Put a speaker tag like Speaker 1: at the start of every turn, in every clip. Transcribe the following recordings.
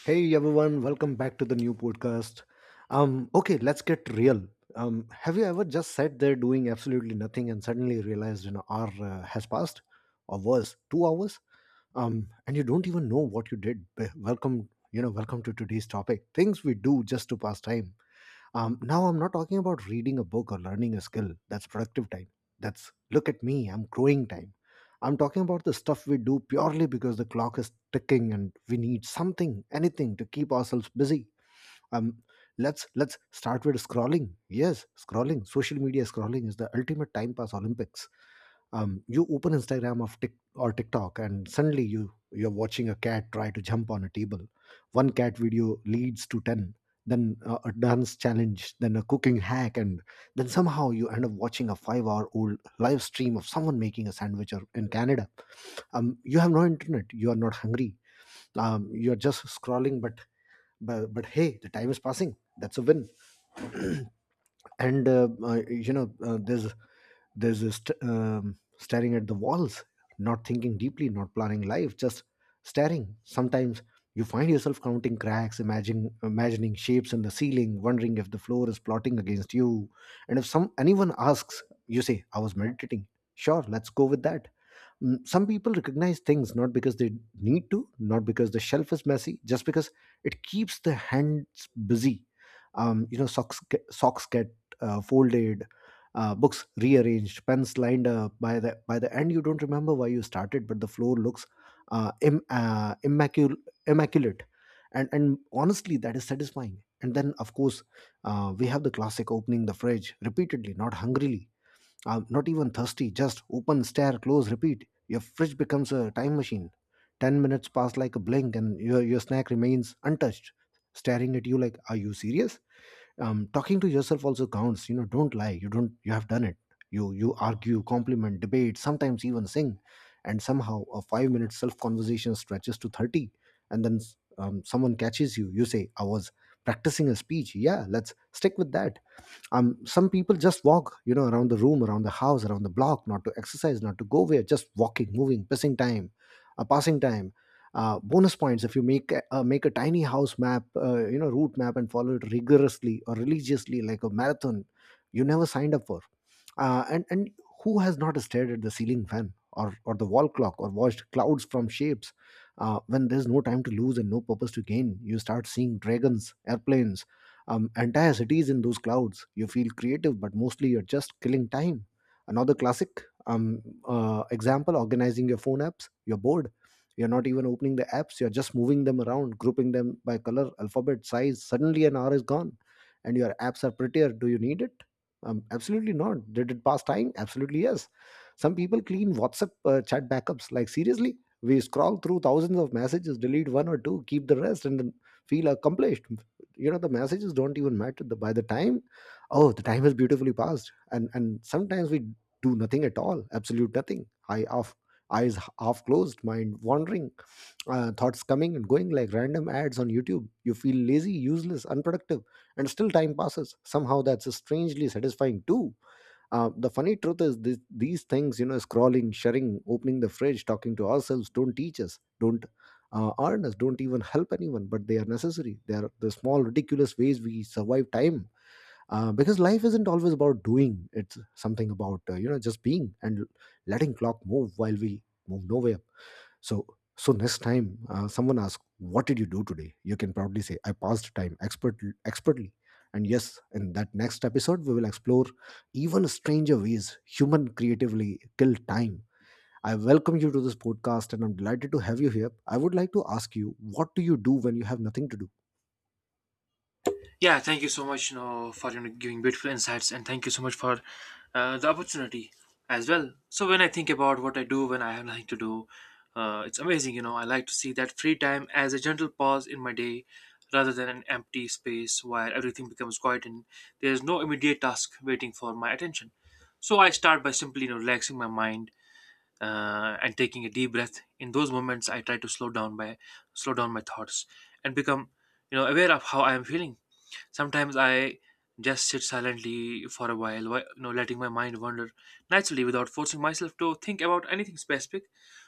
Speaker 1: Hey everyone, welcome back to the new podcast. Okay, let's get real. Have you ever just sat there doing absolutely nothing and suddenly realized an hour has passed, or worse, 2 hours, and you don't even know what you did? Welcome to today's topic: things we do just to pass time. Now I'm not talking about reading a book or learning a skill. That's productive time. That's look at me, I'm growing time. I'm talking about the stuff we do purely because the clock is ticking and we need something, anything to keep ourselves busy. Um, let's start with scrolling. Yes, scrolling. Social media scrolling is the ultimate time pass Olympics. You open Instagram of Tik or TikTok and suddenly you're watching a cat try to jump on a table. One cat video leads to 10, then a dance challenge, then a cooking hack, and then somehow you end up watching a 5-hour-old live stream of someone making a sandwich or in Canada. You have no internet, you are not hungry, you're just scrolling, but hey, the time is passing, that's a win. And there's this staring at the walls, not thinking deeply, not planning life, just staring. Sometimes you find yourself counting cracks, imagining shapes in the ceiling, wondering if the floor is plotting against you. And if some anyone asks, you say, "I was meditating." Sure, let's go with that. Mm, some people recognize things not because they need to, not because the shelf is messy, just because it keeps the hands busy. Socks get folded, books rearranged, pens lined up. By the end, you don't remember why you started, but the floor looks uh, Im, uh, immacul- immaculate, and honestly, that is satisfying. And then, of course, we have the classic opening the fridge repeatedly, not hungrily, I'm not even thirsty, just open, stare, close, repeat. Your fridge becomes a time machine. 10 minutes pass like a blink and your snack remains untouched, staring at you like, "Are you serious?" Talking to yourself also counts. You know, don't lie. You don't. You have done it. You argue, compliment, debate, sometimes even sing, and somehow a five-minute self-conversation stretches to 30, and then someone catches you. You say, "I was practicing a speech." Yeah, let's stick with that. Some people just walk, you know, around the room, around the house, around the block, not to exercise, not to go where, just walking, moving, passing time, passing time. Bonus points if you make a tiny house map, you know, route map and follow it rigorously or religiously, like a marathon you never signed up for. And who has not stared at the ceiling fan or the wall clock or watched clouds from shapes. When there's no time to lose and no purpose to gain, you start seeing dragons, airplanes, entire cities in those clouds. You feel creative, but mostly you're just killing time. Another classic example: organizing your phone apps. You're bored. You're not even opening the apps, you're just moving them around, grouping them by color, alphabet, size. Suddenly, an hour is gone and your apps are prettier. Do you need it? Absolutely not. Did it pass time? Absolutely yes. Some people clean WhatsApp chat backups. Like, seriously? We scroll through thousands of messages, delete one or two, keep the rest, and then feel accomplished. You know, the messages don't even matter. By the time, oh, the time has beautifully passed. And sometimes we do nothing at all, absolute nothing. I off, eyes half closed, mind wandering, thoughts coming and going like random ads on YouTube. You feel lazy, useless, unproductive, and still time passes somehow. That's strangely satisfying too. The funny truth is this: these things, you know, scrolling, sharing, opening the fridge, talking to ourselves, don't teach us, don't earn us, don't even help anyone, but they are necessary. They are the small ridiculous ways we survive time, because life isn't always about doing, it's something about you know, just being, and letting clock move while we move nowhere. So, so next time someone asks, "What did you do today?" You can proudly say, "I passed time expertly." And yes, in that next episode, we will explore even stranger ways human creatively kill time. I welcome you to this podcast, and I'm delighted to have you here. I would like to ask you, what do you do when you have nothing to do?
Speaker 2: Yeah, thank you so much, for giving beautiful insights, and thank you so much for the opportunity as well. So when I think about what I do when I have nothing to do, it's amazing, you know. I like to see that free time as a gentle pause in my day, rather than an empty space where everything becomes quiet and there is no immediate task waiting for my attention. So I start by simply, relaxing my mind and taking a deep breath. In those moments, I try to slow down by slow down my thoughts and become, aware of how I am feeling. Sometimes I just sit silently for a while, letting my mind wander naturally without forcing myself to think about anything specific.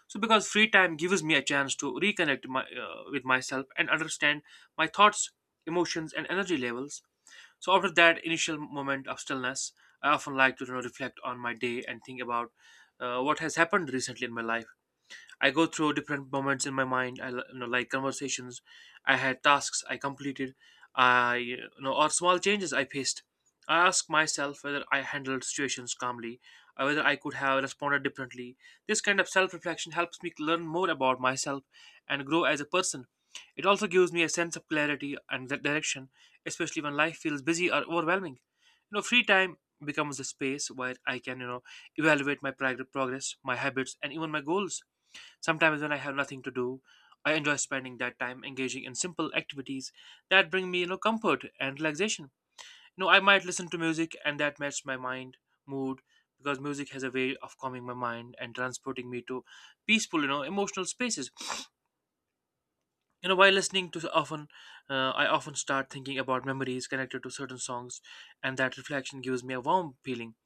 Speaker 2: So, because free time gives me a chance to reconnect with myself and understand my thoughts, emotions, and energy levels. So, after that initial moment of stillness, I often like to reflect on my day and think about what has happened recently in my life. I go through different moments in my mind. I l- you know like conversations I had, tasks I completed, I you know or small changes I faced. I ask myself whether I handled situations calmly, or whether I could have responded differently. This kind of self-reflection helps me learn more about myself and grow as a person. It also gives me a sense of clarity and direction, especially when life feels busy or overwhelming. You know, free time becomes a space where I can, evaluate my progress, my habits, and even my goals. Sometimes, when I have nothing to do, I enjoy spending that time engaging in simple activities that bring me, comfort and relaxation. You know, I might listen to music, and that matches my mind mood, because music has a way of calming my mind and transporting me to peaceful, emotional spaces. You know, while listening to, I often start thinking about memories connected to certain songs, and that reflection gives me a warm feeling.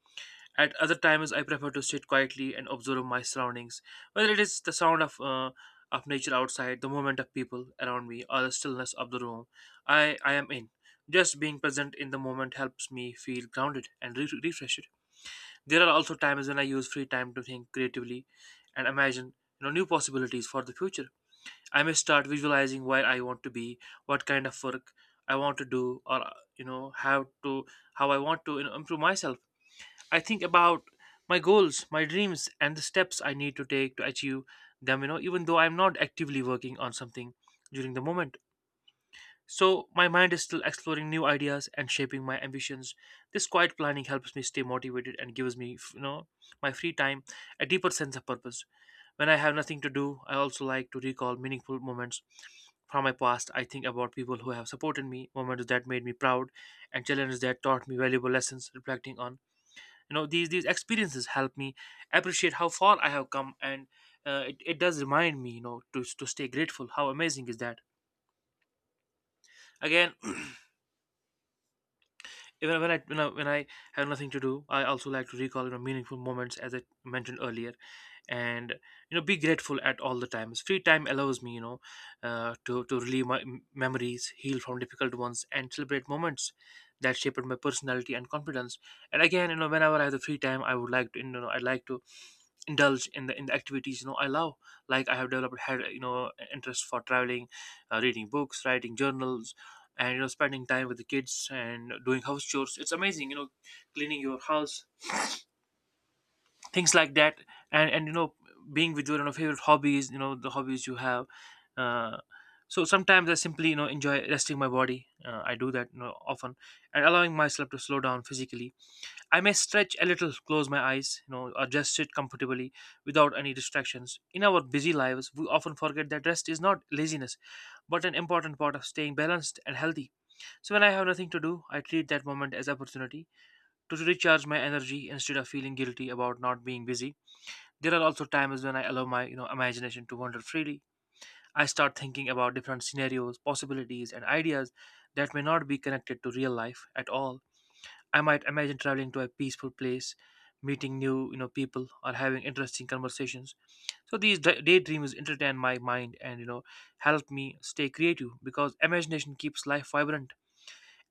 Speaker 2: At other times, I prefer to sit quietly and observe my surroundings, whether it is the sound of nature outside, the movement of people around me, or the stillness of the room I am in. Just being present in the moment helps me feel grounded and refreshed. There are also times when I use free time to think creatively and imagine, new possibilities for the future. I may start visualizing where I want to be, what kind of work I want to do, or you know, how to how I want to improve myself. I think about my goals, my dreams, and the steps I need to take to achieve them, even though I'm not actively working on something during the moment. So my mind is still exploring new ideas and shaping my ambitions. This quiet planning helps me stay motivated and gives me, my free time a deeper sense of purpose. When I have nothing to do, I also like to recall meaningful moments from my past. I think about people who have supported me, moments that made me proud, and challenges that taught me valuable lessons. Reflecting on these experiences help me appreciate how far I have come, and it does remind me, to stay grateful. How amazing is that? Again, even when I, when I have nothing to do, I also like to recall, meaningful moments, as I mentioned earlier. And, be grateful at all the times. Free time allows me, to relieve my memories, heal from difficult ones, and celebrate moments that shaped my personality and confidence. And again, whenever I have the free time, I would like to, I'd like to indulge in the activities I love. Like, I have developed had you know interest for traveling, reading books, writing journals, and spending time with the kids and doing house chores. It's amazing, cleaning your house, things like that. And being with your, favorite hobbies, the hobbies you have. uh, so sometimes I simply enjoy resting my body. I do that, often, and allowing myself to slow down physically. I may stretch a little, close my eyes, or just sit comfortably without any distractions. In our busy lives, we often forget that rest is not laziness, but an important part of staying balanced and healthy. So when I have nothing to do, I treat that moment as opportunity to recharge my energy instead of feeling guilty about not being busy. There are also times when I allow my, imagination to wander freely. I start thinking about different scenarios, possibilities, and ideas that may not be connected to real life at all. I might imagine traveling to a peaceful place, meeting new, people, or having interesting conversations. So these daydreams entertain my mind, and help me stay creative, because imagination keeps life vibrant.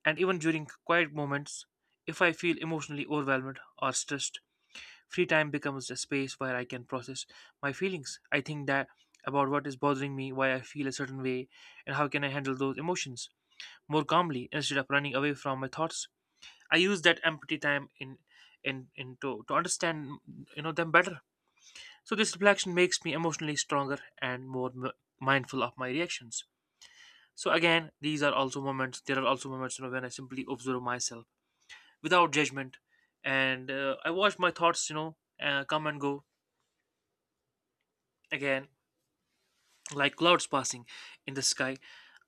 Speaker 2: And even during quiet moments, if I feel emotionally overwhelmed or stressed, free time becomes a space where I can process my feelings. I think that about what is bothering me, why I feel a certain way, and how can I handle those emotions more calmly instead of running away from my thoughts. I use that empty time in to understand, them better. So this reflection makes me emotionally stronger and more mindful of my reactions. So again, these are also moments. There are also moments, when I simply observe myself without judgment, and I watch my thoughts, come and go again. Like clouds passing in the sky.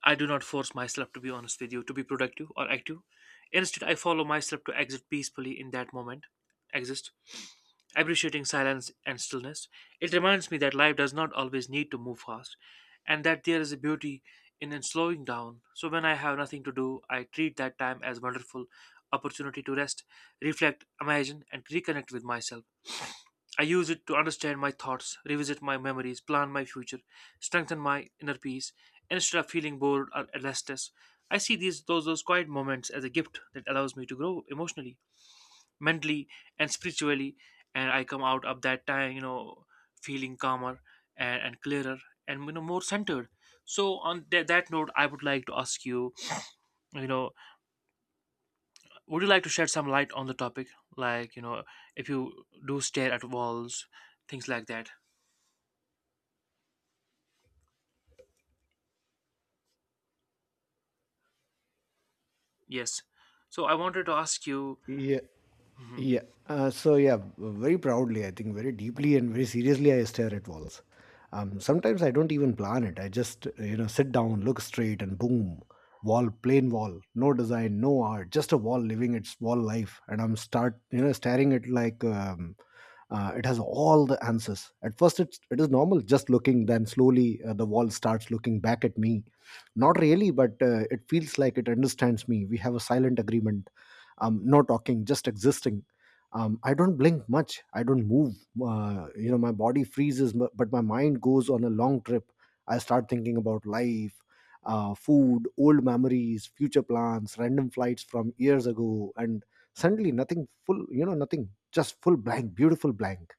Speaker 2: I do not force myself, to be honest with you, to be productive or active. Instead, I follow myself to exit peacefully in that moment, exist, appreciating silence and stillness. It reminds me that life does not always need to move fast, and that there is a beauty in slowing down. So, when I have nothing to do, I treat that time as wonderful opportunity to rest, reflect, imagine, and reconnect with myself. I use it to understand my thoughts, revisit my memories, plan my future, strengthen my inner peace. Instead of feeling bored or restless, I see these those quiet moments as a gift that allows me to grow emotionally, mentally, and spiritually. And I come out of that time, feeling calmer, and clearer, and more centered. So on that note, I would like to ask you, you know, would you like to shed some light on the topic, like, if you do stare at walls, things like that? Yes. So I wanted to ask you,
Speaker 1: Yeah. Yeah. So yeah, very proudly, I think very deeply and very seriously, I stare at walls. Sometimes I don't even plan it. I just, you know, sit down, look straight, and boom, wall, plain wall, no design, no art, just a wall living its wall life, and I'm start, you know, staring at like it has all the answers. At first, it is normal, just looking. Then slowly, the wall starts looking back at me. Not really, but it feels like it understands me. We have a silent agreement. No talking, just existing. I don't blink much, I don't move. You know, my body freezes, but my mind goes on a long trip. I start thinking about life, food, old memories, future plans, random flights from years ago, and suddenly nothing full, you know, nothing, just full blank, beautiful blank.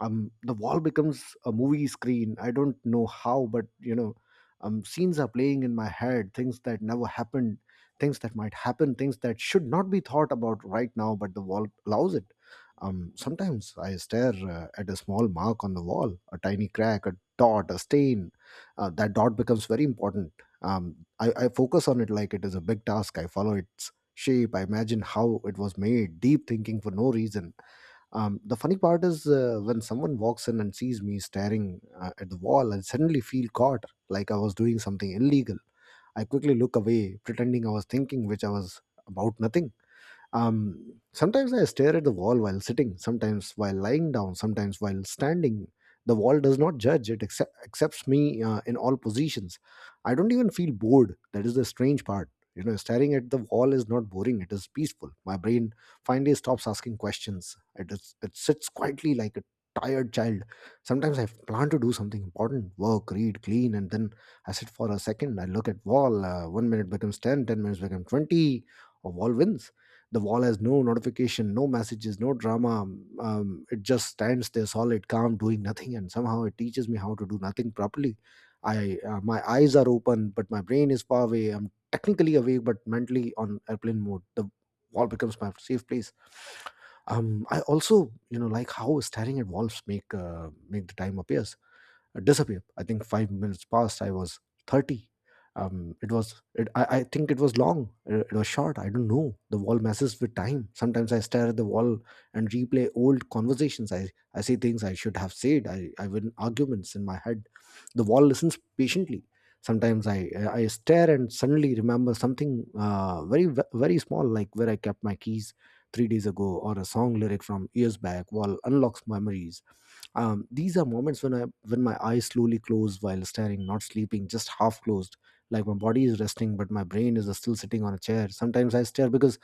Speaker 1: The wall becomes a movie screen. I don't know how, but you know, scenes are playing in my head, things that never happened, things that might happen, things that should not be thought about right now, but the wall allows it. Sometimes I stare at a small mark on the wall, a tiny crack, a dot, a stain. That dot becomes very important. I focus on it like it is a big task. I follow its shape. I imagine how it was made, deep thinking for no reason. The funny part is when someone walks in and sees me staring at the wall, I suddenly feel caught, like I was doing something illegal. I quickly look away, pretending I was thinking, which I was, about nothing. Sometimes I stare at the wall while sitting, sometimes while lying down, sometimes while standing. The wall does not judge, it accepts me in all positions. I don't even feel bored. That is the strange part. You know, staring at the wall is not boring, it is peaceful. My brain finally stops asking questions. It sits quietly like a tired child. Sometimes I plan to do something important, work, read, clean, and then I sit for a second. I look at wall. 1 minute becomes 10, 10 minutes become 20, or wall wins. The wall has no notification, no messages, no drama. It just stands there solid, calm, doing nothing, and somehow it teaches me how to do nothing properly. I My eyes are open, but my brain is far away. I'm technically awake, but mentally on airplane mode. The wall becomes my safe place. I also, you know, like how staring at walls make the time appear disappear. I think 5 minutes passed. I was 30. It was, I think it was long. It was short. I don't know. The wall messes with time. Sometimes I stare at the wall and replay old conversations. I say things I should have said. I win arguments in my head. The wall listens patiently. Sometimes I stare and suddenly remember something very small, like where I kept my keys 3 days ago or a song lyric from years back. Wall unlocks memories. These are moments when I, when my eyes slowly close while staring, not sleeping, just half closed. Like my body is resting, but my brain is still sitting on a chair. Sometimes I stare because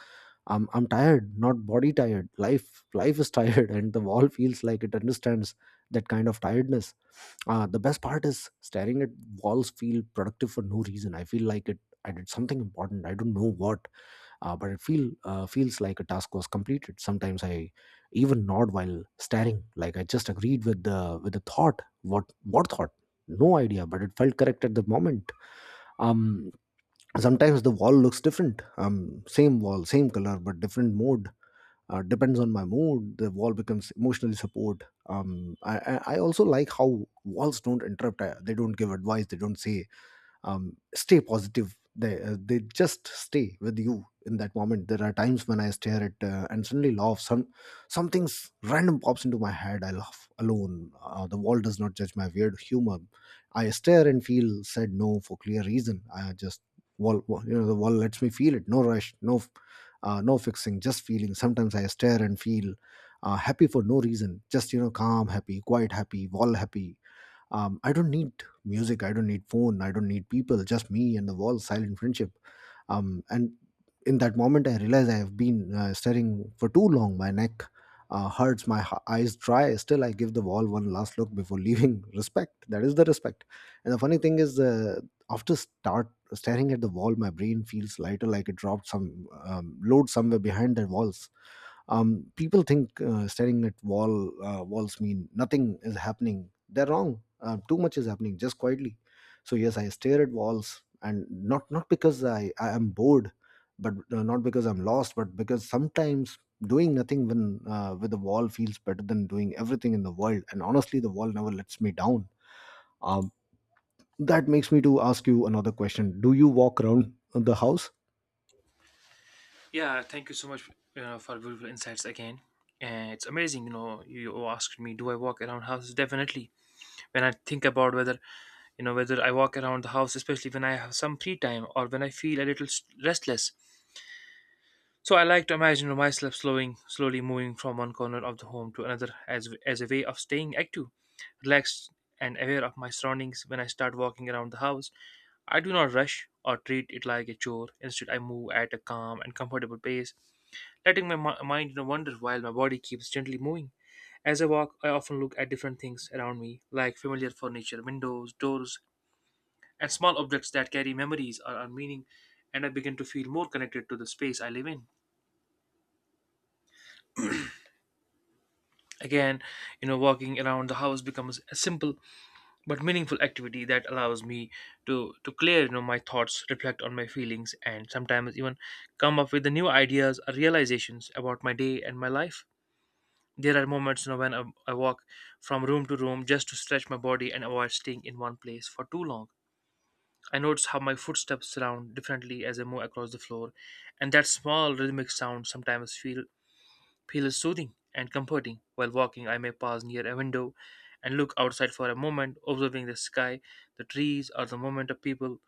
Speaker 1: I'm tired, not body tired. Life is tired, and the wall feels like it understands that kind of tiredness. The best part is staring at walls feel productive for no reason. I feel like it I did something important. I don't know what, but it feels like a task was completed. Sometimes I even nod while staring, like I just agreed with the thought. What thought? No idea, but it felt correct at the moment. Um, sometimes the wall looks different. Same wall, same color, but different mode. Depends on my mood. The wall becomes emotionally support. I also like how walls don't interrupt. They don't give advice. They don't say stay positive. They just stay with you in that moment. There are times when I stare at and suddenly laugh. Some something's random pops into my head. I laugh alone. The world does not judge my weird humor. I stare and feel said no for clear reason. I just. You know, the wall lets me feel it. No rush, no no fixing, just feeling. Sometimes I stare and feel happy for no reason. Just, you know, calm happy, quiet happy, wall happy. I don't need music, I don't need phone, I don't need people. Just me and the wall, silent friendship. And in that moment I realized I have been staring for too long. My neck hurts, my eyes dry. Still I give the wall one last look before leaving. Respect. That is the respect. And the funny thing is, after start staring at the wall, my brain feels lighter, like it dropped some load somewhere behind the walls. People think staring at walls mean nothing is happening. They're wrong. Too much is happening, just quietly. So yes, I stare at walls. And not because I am bored, but not because I'm lost, but because sometimes doing nothing when with the wall feels better than doing everything in the world. And honestly, the wall never lets me down. um, that makes me to ask you another question. Do you walk around the house?
Speaker 2: yeah, thank you so much for beautiful insights again. And it's amazing, you know, you asked me, do I walk around houses? Definitely. When I think about whether, whether I walk around the house, especially when I have some free time or when I feel a little restless, so I like to imagine myself slowly moving from one corner of the home to another as a way of staying active, relaxed, and aware of my surroundings when I start walking around the house. I do not rush or treat it like a chore. Instead, I move at a calm and comfortable pace, letting my mind wander while my body keeps gently moving. As I walk, I often look at different things around me, like familiar furniture, windows, doors, and small objects that carry memories or meaning, and I begin to feel more connected to the space I live in. Again, walking around the house becomes a simple but meaningful activity that allows me to clear, my thoughts, reflect on my feelings, and sometimes even come up with the new ideas or realizations about my day and my life. There are moments, when I walk from room to room just to stretch my body and avoid staying in one place for too long. I notice how my footsteps sound differently as I move across the floor, and that small rhythmic sound sometimes feels soothing and comforting. While walking, I may pause near a window and look outside for a moment, observing the sky, the trees, or the movement of people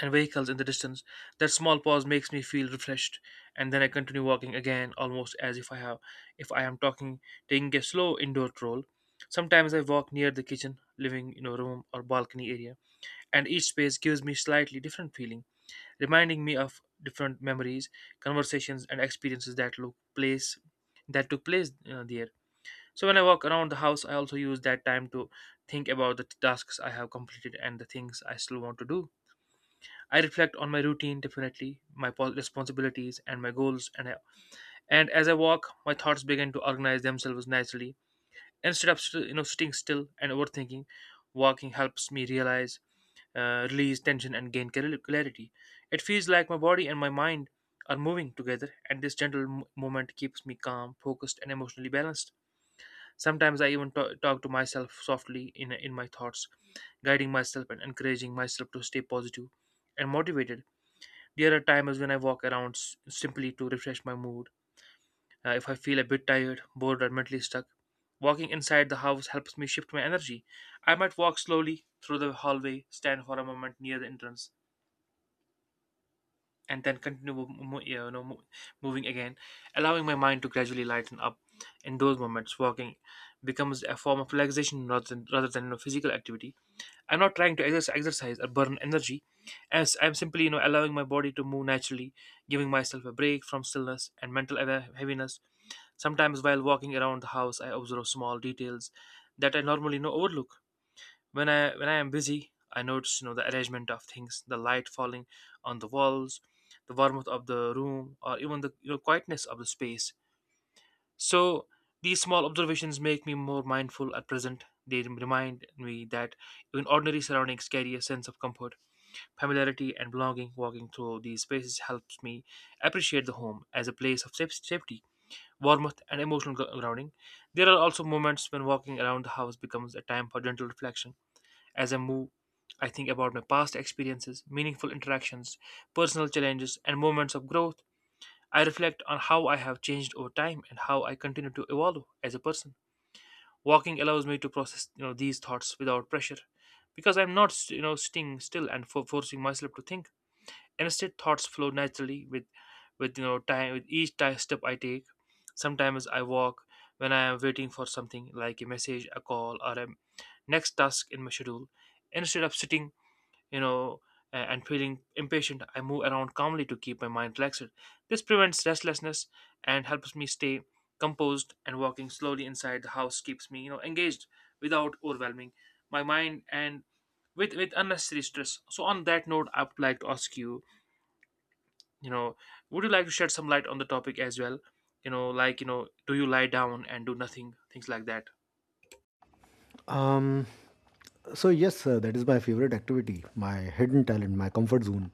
Speaker 2: and vehicles in the distance. That small pause makes me feel refreshed, and then I continue walking again, almost as if I have, if I am talking, taking a slow indoor stroll. Sometimes I walk near the kitchen, living room, or balcony area, and each space gives me slightly different feeling, reminding me of different memories, conversations, and experiences that took place there. So when I walk around the house, I also use that time to think about the tasks I have completed and the things I still want to do. I reflect on my routine definitely, responsibilities and my goals, and as I walk, my thoughts begin to organize themselves nicely. Instead of sitting still and overthinking, walking helps me realize release tension and gain clarity. It feels like my body and my mind are moving together, and this gentle movement keeps me calm, focused, and emotionally balanced. Sometimes I even talk to myself softly in my thoughts, guiding myself and encouraging myself to stay positive and motivated. There are times when I walk around simply to refresh my mood. If I feel a bit tired, bored, or mentally stuck, walking inside the house helps me shift my energy. I might walk slowly through the hallway, stand for a moment near the entrance, and then continue moving again, allowing my mind to gradually lighten up. In those moments, walking becomes a form of relaxation rather than physical activity. I'm not trying to exercise or burn energy, as I'm simply allowing my body to move naturally, giving myself a break from stillness and mental heaviness. Sometimes while walking around the house, I observe small details that I normally overlook when I am busy. I notice the arrangement of things, the light falling on the walls, the warmth of the room, or even the quietness of the space. So these small observations make me more mindful at present. They remind me that even ordinary surroundings carry a sense of comfort, familiarity, and belonging. Walking through these spaces helps me appreciate the home as a place of safety, warmth, and emotional grounding. There are also moments when walking around the house becomes a time for gentle reflection. As I move, I think about my past experiences, meaningful interactions, personal challenges, and moments of growth. I reflect on how I have changed over time and how I continue to evolve as a person. Walking allows me to process, these thoughts without pressure, because I'm not, sitting still and forcing myself to think. Instead, thoughts flow naturally with time, with each step I take. Sometimes I walk when I am waiting for something like a message, a call, or a next task in my schedule. Instead of sitting you know, and feeling impatient, I move around calmly to keep my mind relaxed. This prevents restlessness and helps me stay composed, and walking slowly inside the house keeps me, engaged without overwhelming my mind and with unnecessary stress. So on that note, I would like to ask you, you know, would you like to shed some light on the topic as well? You know, like, do you lie down and do nothing? Things like that.
Speaker 1: um So yes, that is my favorite activity, my hidden talent, my comfort zone.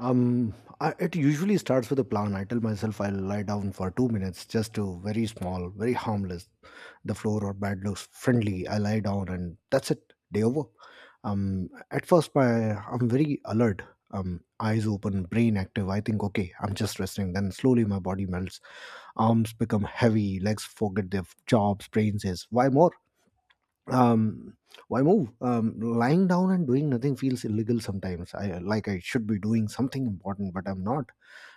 Speaker 1: Um, it usually starts with a plan. I tell myself I'll lie down for 2 minutes, just to very small, very harmless. The floor or bed looks friendly. I lie down, and that's it. Day over. At first, my I'm very alert. Eyes open, brain active. I think, okay, I'm just resting. Then slowly my body melts. Arms become heavy. Legs forget their jobs. Brain says, why more? um why move? Lying down and doing nothing feels illegal sometimes. I should be doing something important, but I'm not,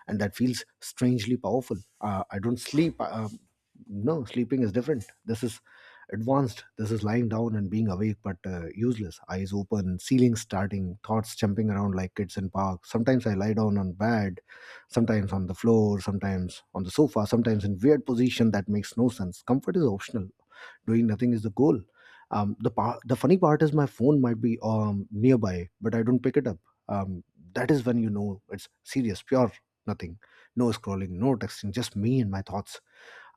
Speaker 1: and that feels strangely powerful. I don't sleep. No, sleeping is different. This is advanced. This is lying down and being awake, but useless. Eyes open, ceiling starting, thoughts jumping around like kids in park. Sometimes I lie down on bed, sometimes on the floor, sometimes on the sofa, sometimes in weird position that makes no sense. Comfort is optional. Doing nothing is the goal. The the funny part is my phone might be nearby, but I don't pick it up. um, that is when you know it's serious. Pure nothing. No scrolling, no texting, just me and my thoughts.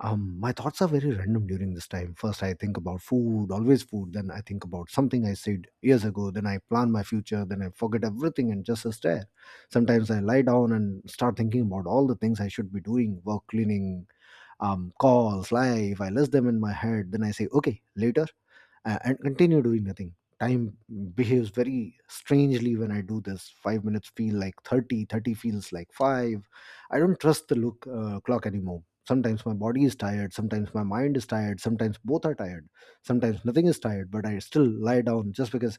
Speaker 1: My thoughts are very random during this time. First I think about food, always food. Then I think about something I said years ago. Then I plan my future. Then I forget everything and just stare. Sometimes I lie down and start thinking about all the things I should be doing. Work, cleaning, calls, live. I list them in my head, then I say okay later, and continue doing nothing. Time behaves very strangely when I do this. 5 minutes feel like 30, 30 feels like 5. I don't trust the look clock anymore. Sometimes my body is tired, sometimes my mind is tired, sometimes both are tired. Sometimes nothing is tired, but I still lie down just because.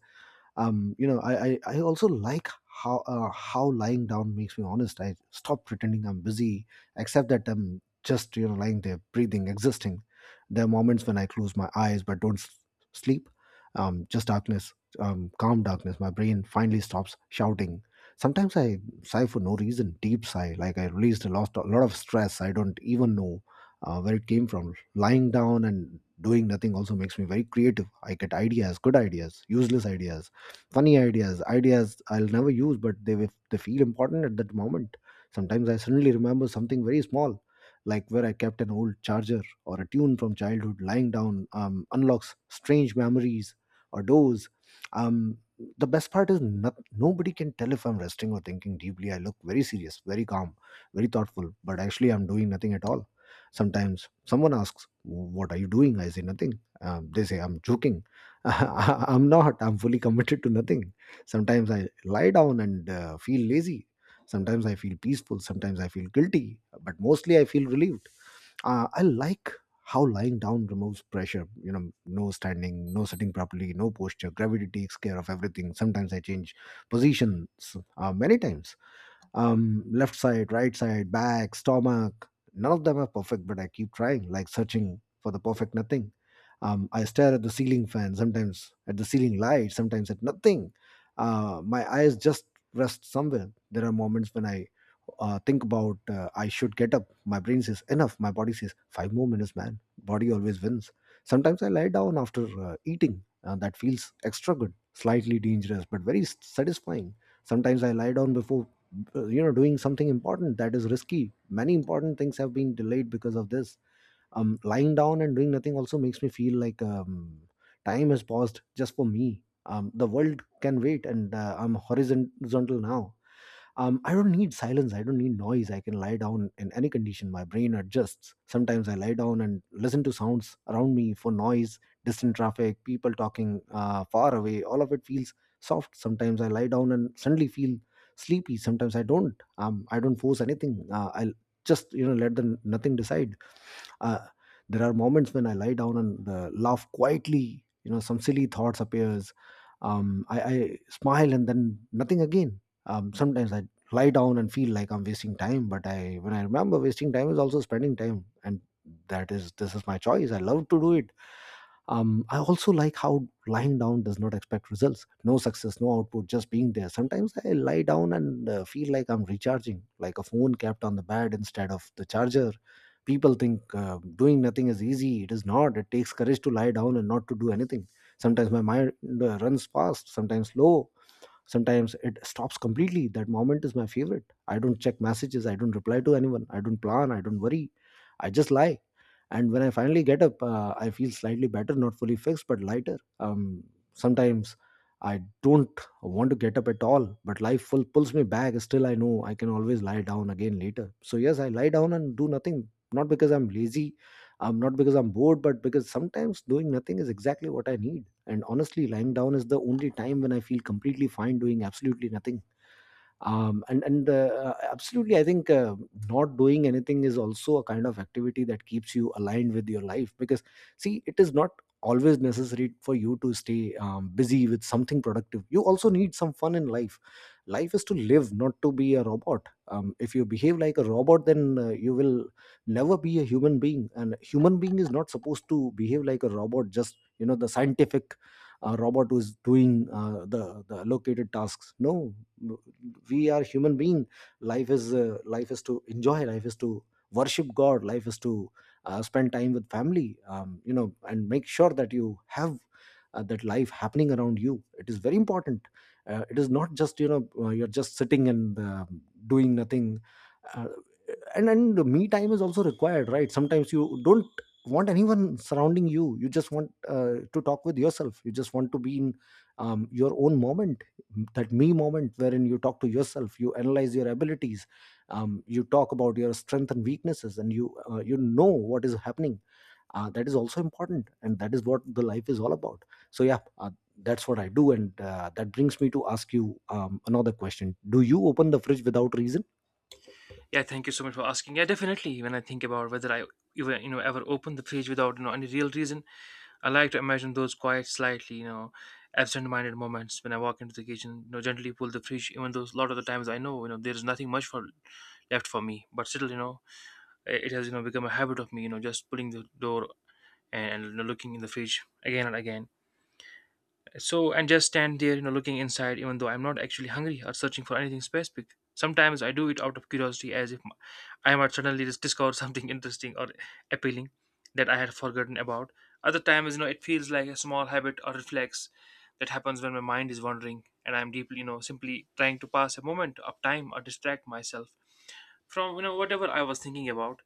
Speaker 1: You know, I also like how lying down makes me honest. I stop pretending I'm busy, accept that I'm just, you know, lying there, breathing, existing. There are moments when I close my eyes but don't sleep. Just darkness, calm darkness. My brain finally stops shouting. Sometimes I sigh for no reason, deep sigh, like I released a lot of stress. I don't even know where it came from. Lying down and doing nothing also makes me very creative. I get ideas, good ideas, useless ideas, funny ideas, I'll never use, but they they feel important at that moment. Sometimes I suddenly remember something very small, like where I kept an old charger or a tune from childhood. Lying down unlocks strange memories or doors. um, the best part is, not, nobody can tell if I'm resting or thinking deeply. I look very serious, very calm, very thoughtful, but actually I'm doing nothing at all. Sometimes someone asks, what are you doing? I say nothing. They say I'm joking. I'm not. I'm fully committed to nothing. Sometimes I lie down and feel lazy. Sometimes I feel peaceful. Sometimes I feel guilty. But mostly I feel relieved. I like how lying down removes pressure. You know, no standing, no sitting properly, no posture. Gravity takes care of everything. Sometimes I change positions many times. Left side, right side, back, stomach, none of them are perfect, but I keep trying, like searching for the perfect nothing. I stare at the ceiling fan, sometimes at the ceiling light, sometimes at nothing. My eyes just rest somewhere. There are moments when I think about I should get up. My brain says enough, my body says five more minutes, man. Body always wins. Sometimes I lie down after eating. That feels extra good, slightly dangerous, but very satisfying. Sometimes I lie down before you know, doing something important. That is risky. Many important things have been delayed because of this. Lying down and doing nothing also makes me feel like time has paused just for me. The world can wait, and I'm horizontal now. I don't need silence, I don't need noise. I can lie down in any condition. My brain adjusts. Sometimes I lie down and listen to sounds around me for noise. Distant traffic, people talking far away, all of it feels soft. Sometimes I lie down and suddenly feel sleepy, sometimes I don't. I don't force anything. I'll just, you know, let the nothing decide. uh, there are moments when I lie down and laugh quietly. You know, some silly thoughts appears. I smile, and then nothing again. Sometimes I lie down and feel like I'm wasting time. But I when I remember, wasting time is also spending time, and that is this is my choice. I love to do it. I also like how lying down does not expect results. No success, no output, just being there. Sometimes I lie down and feel like I'm recharging, like a phone kept on the bed instead of the charger. People think doing nothing is easy. It is not. It takes courage to lie down and not to do anything. Sometimes my mind runs fast, sometimes slow, sometimes it stops completely. That moment is my favorite. I don't check messages, I don't reply to anyone, I don't plan, I don't worry. I just lie. And when I finally get up, I feel slightly better. Not fully fixed, but lighter. Sometimes I don't want to get up at all, but life full pulls me back. Still I know I can always lie down again later. So yes, I lie down and do nothing. Not because I'm lazy, not because I'm bored, but because sometimes doing nothing is exactly what I need. And honestly, lying down is the only time when I feel completely fine doing absolutely nothing. And and Absolutely, I think, not doing anything is also a kind of activity that keeps you aligned with your life. Because see, it is not always necessary for you to stay busy with something productive. You also need some fun in life. Life is to live, not to be a robot. If you behave like a robot, then you will never be a human being. And human being is not supposed to behave like a robot, just, you know, the scientific robot who's doing the allocated tasks. No, we are human being. Life is, life is to enjoy. Life is to worship god. Life is to spend time with family, you know, and make sure that you have that life happening around you. It is very important. It is not just, you know, you're just sitting and doing nothing. Uh, and and Me time is also required, right? Sometimes you don't want anyone surrounding you, you just want to talk with yourself, you just want to be in your own moment. That me moment wherein you talk to yourself, you analyze your abilities, you talk about your strength and weaknesses, and you you know what is happening. That is also important, and that is what the life is all about. So yeah, that's what I do. And that brings me to ask you another question. Do you open the fridge without reason?
Speaker 2: Yeah, thank you so much for asking. Yeah, definitely. When I think about whether I even ever open the fridge without any real reason, I like to imagine those quiet, slightly, absent-minded moments when I walk into the kitchen, gently pull the fridge, even though a lot of the times I know, there is nothing much for left for me, but still, it has, become a habit of me, just pulling the door and looking in the fridge again and again. So, and just stand there, looking inside, even though I'm not actually hungry or searching for anything specific. Sometimes I do it out of curiosity, as if I might suddenly just discover something interesting or appealing that I had forgotten about. Other times, it feels like a small habit or reflex that happens when my mind is wandering and I'm deeply, simply trying to pass a moment of time or distract myself from, whatever I was thinking about.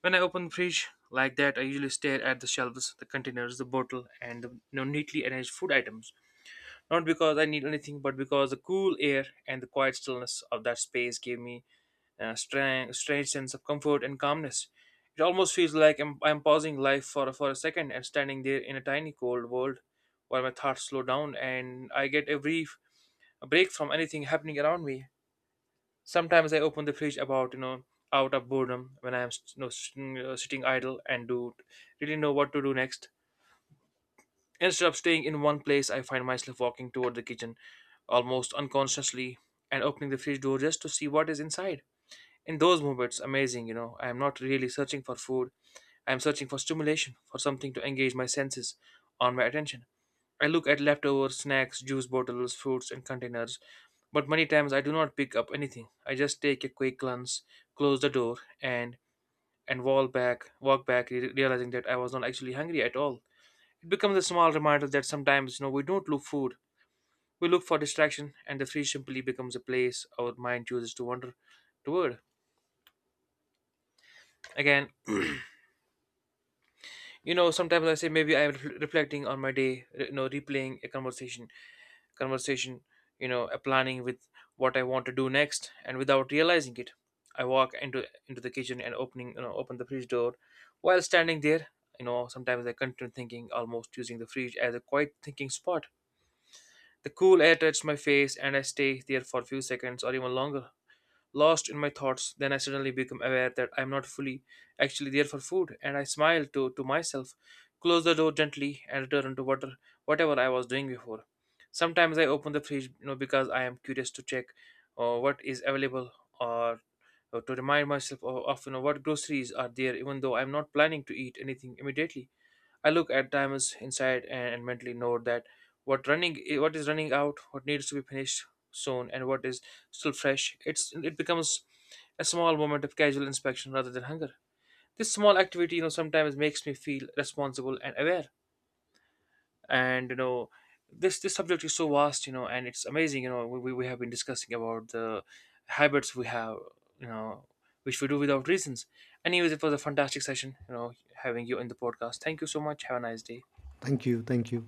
Speaker 2: When I open the fridge like that, I usually stare at the shelves, the containers, the bottle, and the neatly arranged food items, not because I need anything, but because the cool air and the quiet stillness of that space gave me a strange sense of comfort and calmness. It almost feels like I'm pausing life for a second and standing there in a tiny cold world, while my thoughts slow down and I get a brief break from anything happening around me. Sometimes I open the fridge about, out of boredom when I'm you know, s- sitting idle and do really know what to do next. Instead of staying in one place, I find myself walking toward the kitchen almost unconsciously and opening the fridge door just to see what is inside. In those moments, amazing, I am not really searching for food. I am searching for stimulation, for something to engage my senses on my attention. I look at leftovers, snacks, juice bottles, fruits, and containers, but many times I do not pick up anything. I just take a quick glance, close the door, and and walk back, realizing that I was not actually hungry at all. It becomes a small reminder that sometimes, we don't look food. We look for distraction, and the tree simply becomes a place our mind chooses to wander toward. Again, sometimes I say maybe I'm reflecting on my day, replaying conversation, a planning with what I want to do next, and without realizing it, I walk into the kitchen and opening, open the fridge door. While standing there, sometimes I continue thinking, almost using the fridge as a quiet thinking spot. The cool air touched my face, and I stay there for a few seconds or even longer, lost in my thoughts. Then I suddenly become aware that I'm not fully actually there for food, and I smile to myself, close the door gently, and return to water, whatever I was doing before. Sometimes I open the fridge because I am curious to check what is available or to remind myself of what groceries are there, even though I'm not planning to eat anything immediately. I look at timers inside and mentally note that what is running out, what needs to be finished soon, and what is still fresh. It becomes a small moment of casual inspection rather than hunger. This small activity, sometimes makes me feel responsible and aware. And this subject is so vast, and it's amazing. You know, we have been discussing about the habits we have, you know, which we do without reasons. Anyways, it was a fantastic session, having you in the podcast. Thank you so much. Have a nice day.
Speaker 1: Thank you, thank you.